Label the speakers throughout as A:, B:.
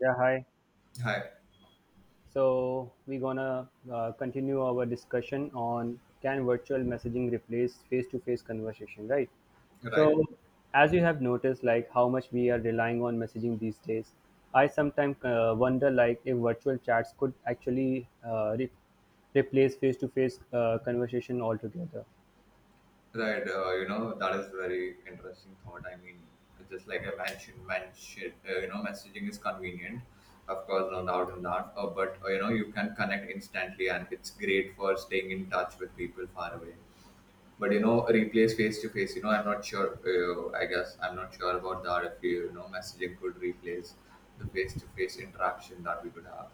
A: Yeah, hi.
B: Hi.
A: So we're gonna continue our discussion on can virtual messaging replace face-to-face conversation, right?
B: Right.
A: So as you have noticed, like how much we are relying on messaging these days, I sometimes wonder like if virtual chats could actually replace face-to-face conversation altogether.
B: Right. That is very interesting thought. I mean, just like I mentioned, you know, messaging is convenient. Of course, no doubt in that. But, you know, you can connect instantly and it's great for staying in touch with people far away. But, you know, replace face to face, you know, I'm not sure. I guess I'm not sure about that if, you know, messaging could replace the face to face interaction that we could have.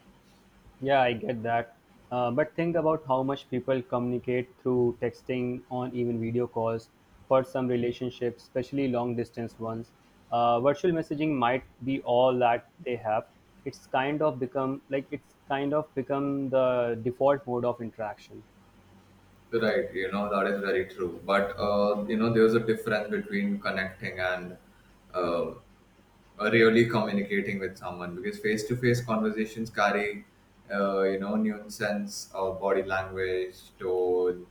A: Yeah, I get that. But think about how much people communicate through texting on even video calls for some relationships, especially long distance ones. Virtual messaging might be all that they have. It's kind of become the default mode of interaction.
B: Right, you know, that is very true. But, you know, there's a difference between connecting and um, really communicating with someone because face to face conversations carry, you know, nuance of body language, tone,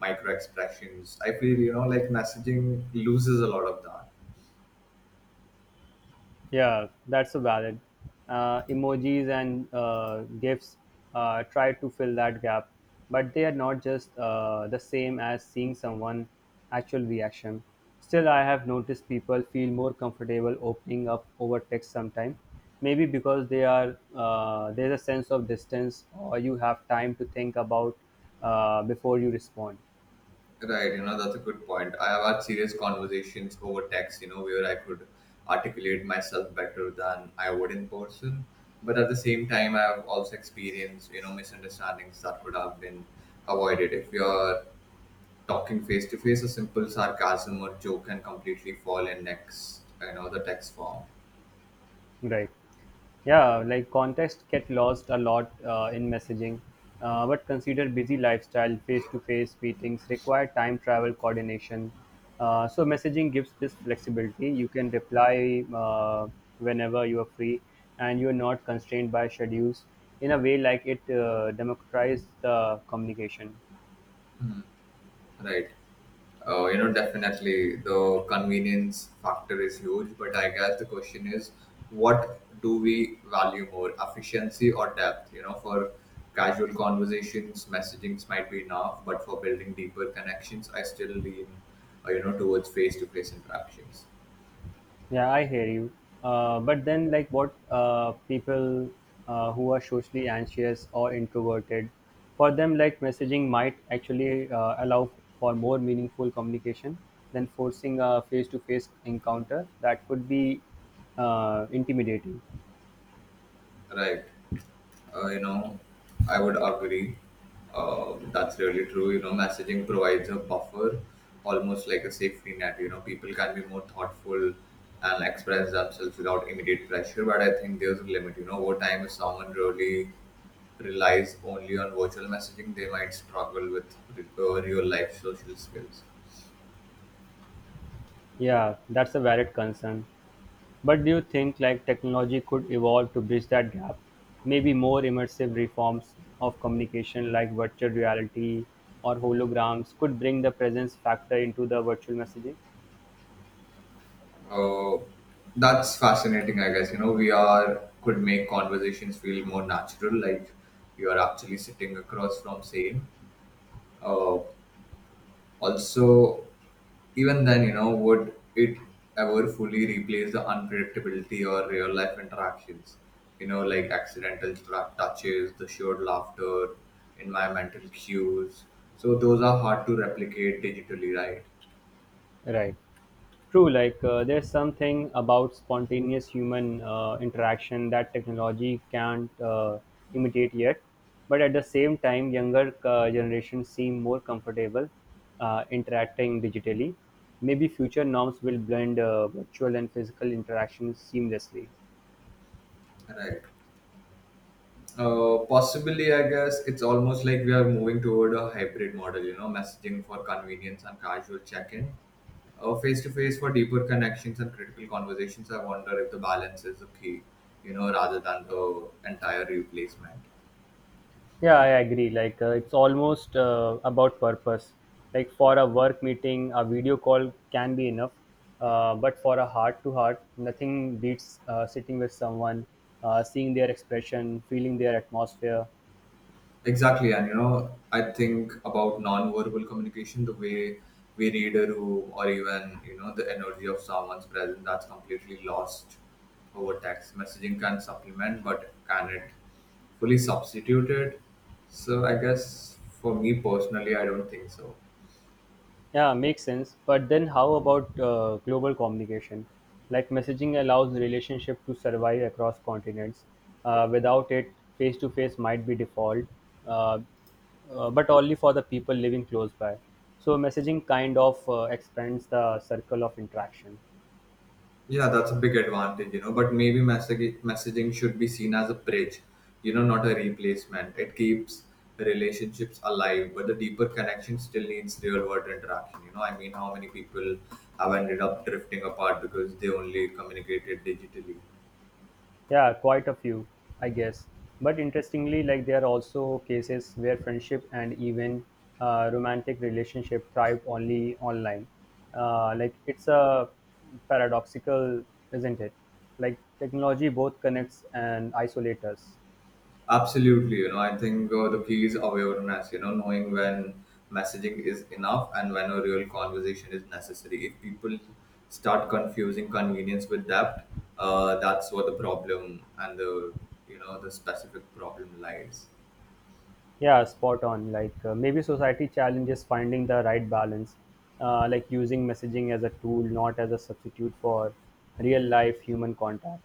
B: micro expressions. I feel, you know, like messaging loses a lot of that.
A: Yeah, that's a valid. Emojis and GIFs try to fill that gap, but they are not just the same as seeing someone' actual reaction. Still, I have noticed people feel more comfortable opening up over text sometime. Maybe because they are there's a sense of distance, or you have time to think about before you respond.
B: Right, you know, that's a good point. I have had serious conversations over text, you know, where I could articulate myself better than I would in person. But at the same time, I have also experienced, you know, misunderstandings that could have been avoided. If you're talking face to face, a simple sarcasm or joke can completely fall in next, you know, the text form.
A: Right. Yeah, like context get lost a lot in messaging. But consider busy lifestyle, face-to-face meetings require time travel coordination. So messaging gives this flexibility. You can reply whenever you are free, and you are not constrained by schedules. In a way, like it democratizes communication.
B: Right. Oh, you know, definitely the convenience factor is huge, but I guess the question is what do we value more, efficiency or depth? You know, for casual conversations, messagings might be enough, but for building deeper connections, I still lean, you know, towards face to face interactions.
A: Yeah, I hear you. But then, like, what people who are socially anxious or introverted, for them, like, messaging might actually allow for more meaningful communication than forcing a face to face encounter that could be intimidating.
B: Right. You know, I would agree. That's really true. You know, messaging provides a buffer, almost like a safety net. You know, people can be more thoughtful and express themselves without immediate pressure. But I think there's a limit. You know, over time, if someone really relies only on virtual messaging, they might struggle with real life social skills.
A: Yeah, that's a valid concern. But do you think like technology could evolve to bridge that gap? Maybe more immersive reforms of communication like virtual reality or holograms could bring the presence factor into the virtual messaging?
B: Oh, that's fascinating, I guess. You know, we are could make conversations feel more natural, like you are actually sitting across from saying. Uh, Also, even then, you know, would it ever fully replace the unpredictability or real life interactions? You know, like accidental touches, the shared laughter, environmental cues. So those are hard to replicate digitally, right?
A: Right. True, like there's something about spontaneous human interaction that technology can't imitate yet. But at the same time, younger generations seem more comfortable interacting digitally. Maybe future norms will blend virtual and physical interactions seamlessly.
B: Right. Possibly, I guess it's almost like we are moving toward a hybrid model, you know, messaging for convenience and casual check in, face to face for deeper connections and critical conversations. I wonder if the balance is the key, you know, rather than the entire replacement.
A: Yeah, I agree. Like it's almost about purpose. Like for a work meeting, a video call can be enough. But for a heart to heart, nothing beats sitting with someone, seeing their expression, feeling their atmosphere.
B: Exactly. And, you know, I think about non verbal communication, the way we read a room or even, you know, the energy of someone's presence that's completely lost over text. Messaging can supplement, but can it? Fully substituted. So I guess for me personally, I don't think so.
A: Yeah, makes sense. But then how about global communication? Like messaging allows relationship to survive across continents. Without it, face to face might be default, uh, but only for the people living close by. So messaging kind of expands the circle of interaction.
B: Yeah, that's a big advantage, you know. But maybe messaging should be seen as a bridge, you know, not a replacement. It keeps relationships alive, but the deeper connection still needs real world interaction. You know, I mean, how many people have ended up drifting apart because they only communicated digitally?
A: Yeah, quite a few, I guess. But interestingly, like there are also cases where friendship and even romantic relationship thrive only online. Like it's a paradoxical, isn't it? Like technology both connects and isolates us.
B: Absolutely, you know, I think the key is awareness, you know, knowing when messaging is enough and when a real conversation is necessary. If people start confusing convenience with depth, that's where the problem and the, you know, the specific problem lies.
A: Yeah, spot on. Like maybe society challenges finding the right balance, like using messaging as a tool, not as a substitute for real life human contact.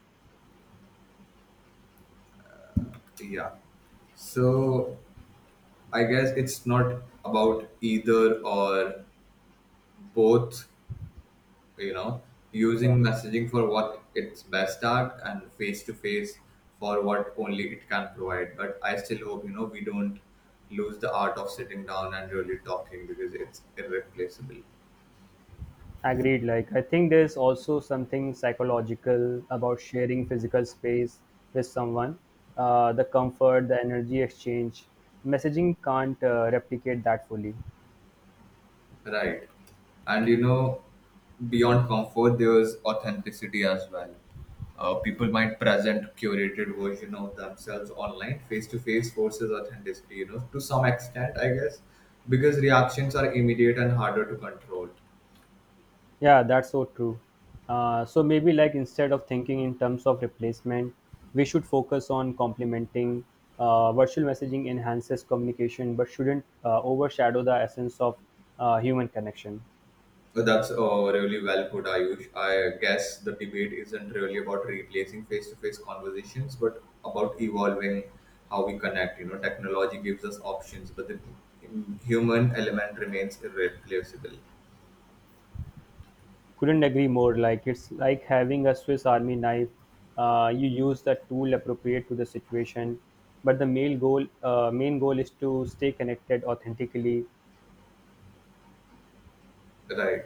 B: Yeah. So I guess it's not about either or both, you know, using messaging for what it's best at and face to face for what only it can provide, but I still hope, you know, we don't lose the art of sitting down and really talking because it's irreplaceable.
A: Agreed. Like, I think there's also something psychological about sharing physical space with someone. The comfort, the energy exchange. Messaging can't replicate that fully.
B: Right, and you know, beyond comfort there's authenticity as well. People might present curated version of themselves online, face to face forces authenticity, you know, to some extent I guess, because reactions are immediate and harder to control.
A: Yeah, that's so true. So maybe like instead of thinking in terms of replacement, we should focus on complementing. Virtual messaging enhances communication, but shouldn't overshadow the essence of human connection.
B: That's really well put, Ayush. I guess the debate isn't really about replacing face-to-face conversations, but about evolving how we connect. You know, technology gives us options, but the human element remains irreplaceable,
A: Couldn't agree more. Like it's like having a Swiss Army knife. You use the tool appropriate to the situation, but the main goal is to stay connected authentically.
B: right?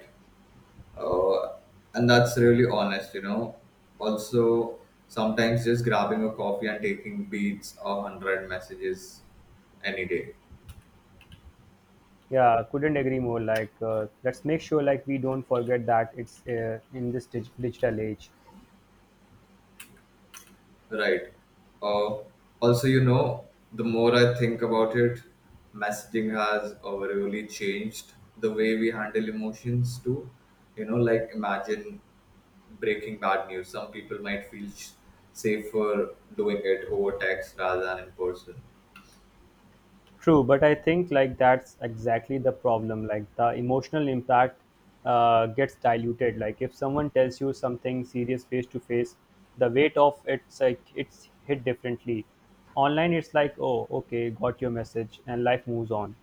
B: Uh, and that's really honest. You know, also sometimes just grabbing a coffee and taking beats or hundred messages any day.
A: Yeah, couldn't agree more. Like let's make sure like we don't forget that it's in this digital age.
B: Right. Uh, Also, you know, the more I think about it, messaging has really changed the way we handle emotions too. You know, like imagine breaking bad news. Some people might feel safer doing it over text rather than in person.
A: True, but I think like that's exactly the problem. Like the emotional impact gets diluted. Like if someone tells you something serious face to face, the weight of it's like it's hit differently. Online, it's like, oh, okay, got your message, and life moves on.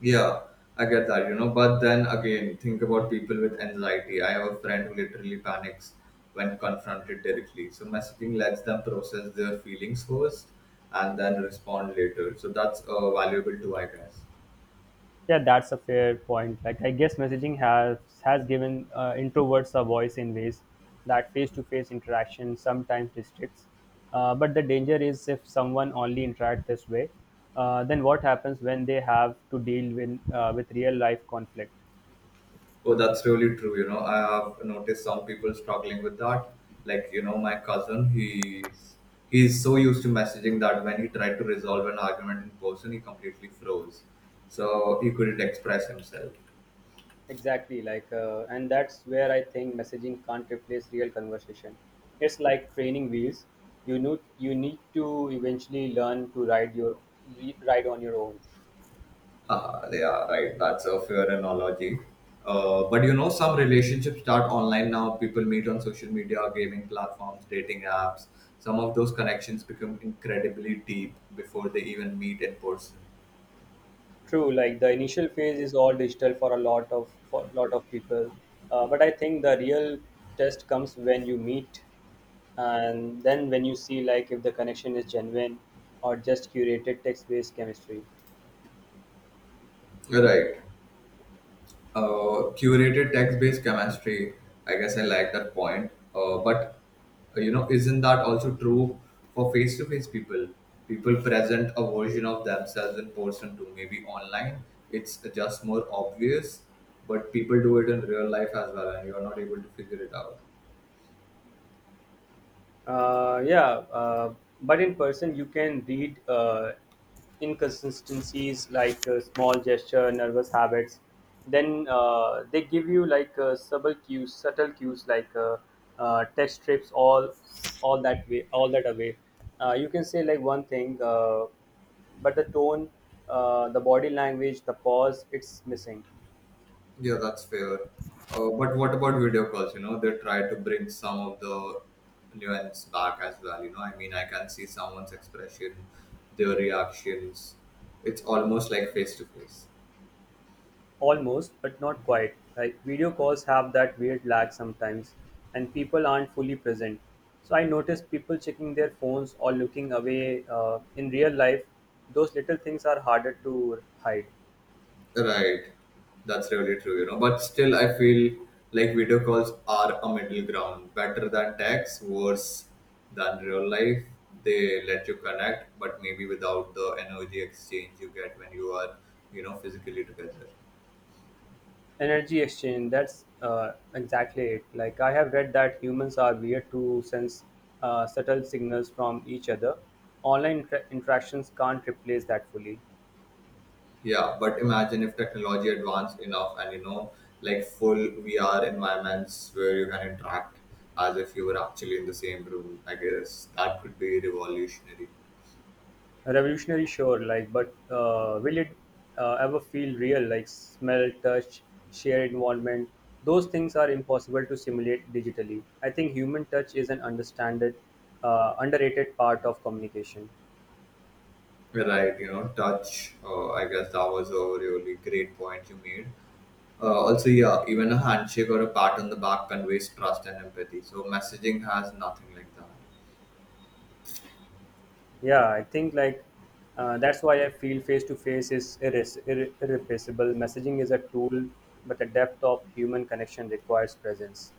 B: Yeah, I get that, you know. But then again, think about people with anxiety. I have a friend who literally panics when confronted directly. So messaging lets them process their feelings first and then respond later. So that's valuable too, I guess.
A: Yeah, that's a fair point. Like, I guess messaging has given introverts a voice in ways that face-to-face interaction sometimes restricts. But the danger is if someone only interact this way, then what happens when they have to deal with real life conflict?
B: Oh, that's really true. You know, I have noticed some people struggling with that. Like, you know, my cousin, he's so used to messaging that when he tried to resolve an argument in person, he completely froze. So he couldn't express himself.
A: Exactly, like, and that's where I think messaging can't replace real conversation. It's like training wheels. You know, you need to eventually learn to ride on your own.
B: Ah, they are right. That's a fair analogy. But you know, some relationships start online now. People meet on social media, gaming platforms, dating apps. Some of those connections become incredibly deep before they even meet in person.
A: True, like the initial phase is all digital for a lot of for lot of people, but I think the real test comes when you meet, and then when you see like if the connection is genuine or just curated text-based chemistry.
B: Right. Curated text-based chemistry. I guess I like that point. But, you know, isn't that also true for face-to-face people? People present a version of themselves in person to maybe online. It's just more obvious, but people do it in real life as well, and you're not able to figure it out.
A: Yeah, uh, but in person you can read inconsistencies like small gesture, nervous habits. Then they give you like subtle cues, like text strips, all that way, all that away. You can say like one thing, but the tone, the body language, the pause, it's missing.
B: Yeah, that's fair. But what about video calls? You know, they try to bring some of the nuance back as well. You know, I mean, I can see someone's expression, their reactions. It's almost like face to face.
A: Almost, but not quite. Like video calls have that weird lag sometimes, and people aren't fully present. So I noticed people checking their phones or looking away. In real life, those little things are harder to hide.
B: Right. That's really true, you know. But still, I feel like video calls are a middle ground. Better than text, worse than real life. They let you connect, but maybe without the energy exchange you get when you are, you know, physically together.
A: Energy exchange, that's exactly it. Like I have read that humans are weird to sense subtle signals from each other. Online interactions can't replace that fully.
B: Yeah, but imagine if technology advanced enough and you know, like full VR environments where you can interact as if you were actually in the same room. I guess that could be revolutionary.
A: Revolutionary, sure. Like, but will it ever feel real, like smell, touch, share involvement. Those things are impossible to simulate digitally. I think human touch is an understanded underrated part of communication.
B: Right, you know, touch. I guess that was a really great point you made. Also, yeah, even a handshake or a pat on the back conveys trust and empathy. So messaging has nothing like that.
A: Yeah, I think like that's why I feel face to face is irreplaceable. Messaging is a tool, but the depth of human connection requires presence.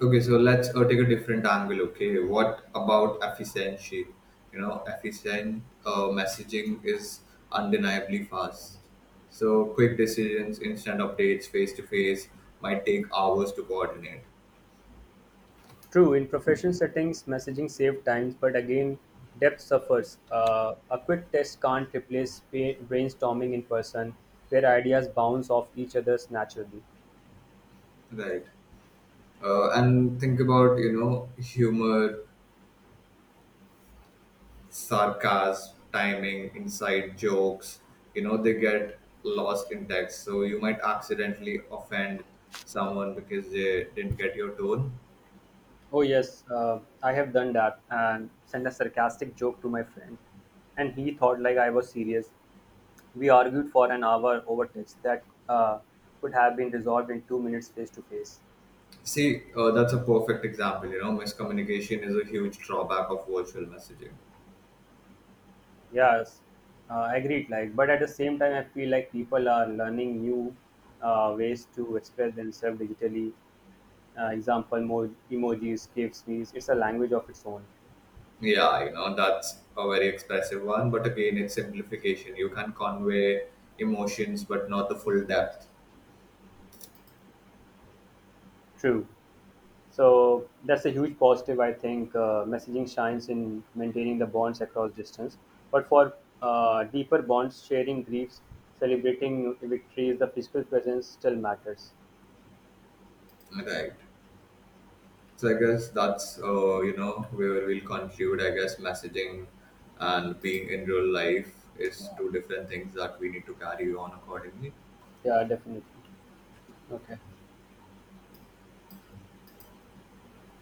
B: Okay, so let's take a different angle. Okay, what about efficiency? You know, efficient messaging is undeniably fast. So, quick decisions, instant updates, face to face might take hours to coordinate,
A: True, in professional settings, messaging saves time, but again, depth suffers. A quick test can't replace brainstorming in person, where ideas bounce off each other's naturally.
B: right? And think about, you know, humor, sarcasm, timing, inside jokes, you know, they get lost in text. So, you might accidentally offend someone because they didn't get your tone.
A: Oh, yes, I have done that and sent a sarcastic joke to my friend, and he thought like I was serious. We argued for an hour over text that could have been resolved in 2 minutes face to face.
B: See, that's a perfect example. You know, miscommunication is a huge drawback of virtual messaging.
A: Yes, agreed. Like, but at the same time, I feel like people are learning new ways to express themselves digitally. Example, more emojis, GIFs, memes. It's a language of its own.
B: Yeah, you know, that's a very expressive one, but again, it's simplification. You can convey emotions, but not the full depth.
A: True. So that's a huge positive. I think messaging shines in maintaining the bonds across distance. But for deeper bonds, sharing griefs, celebrating victories, the physical presence still matters.
B: Right. So I guess that's, you know, where we'll conclude. I guess messaging and being in real life is two different things that we need to carry on accordingly.
A: Yeah, definitely. Okay.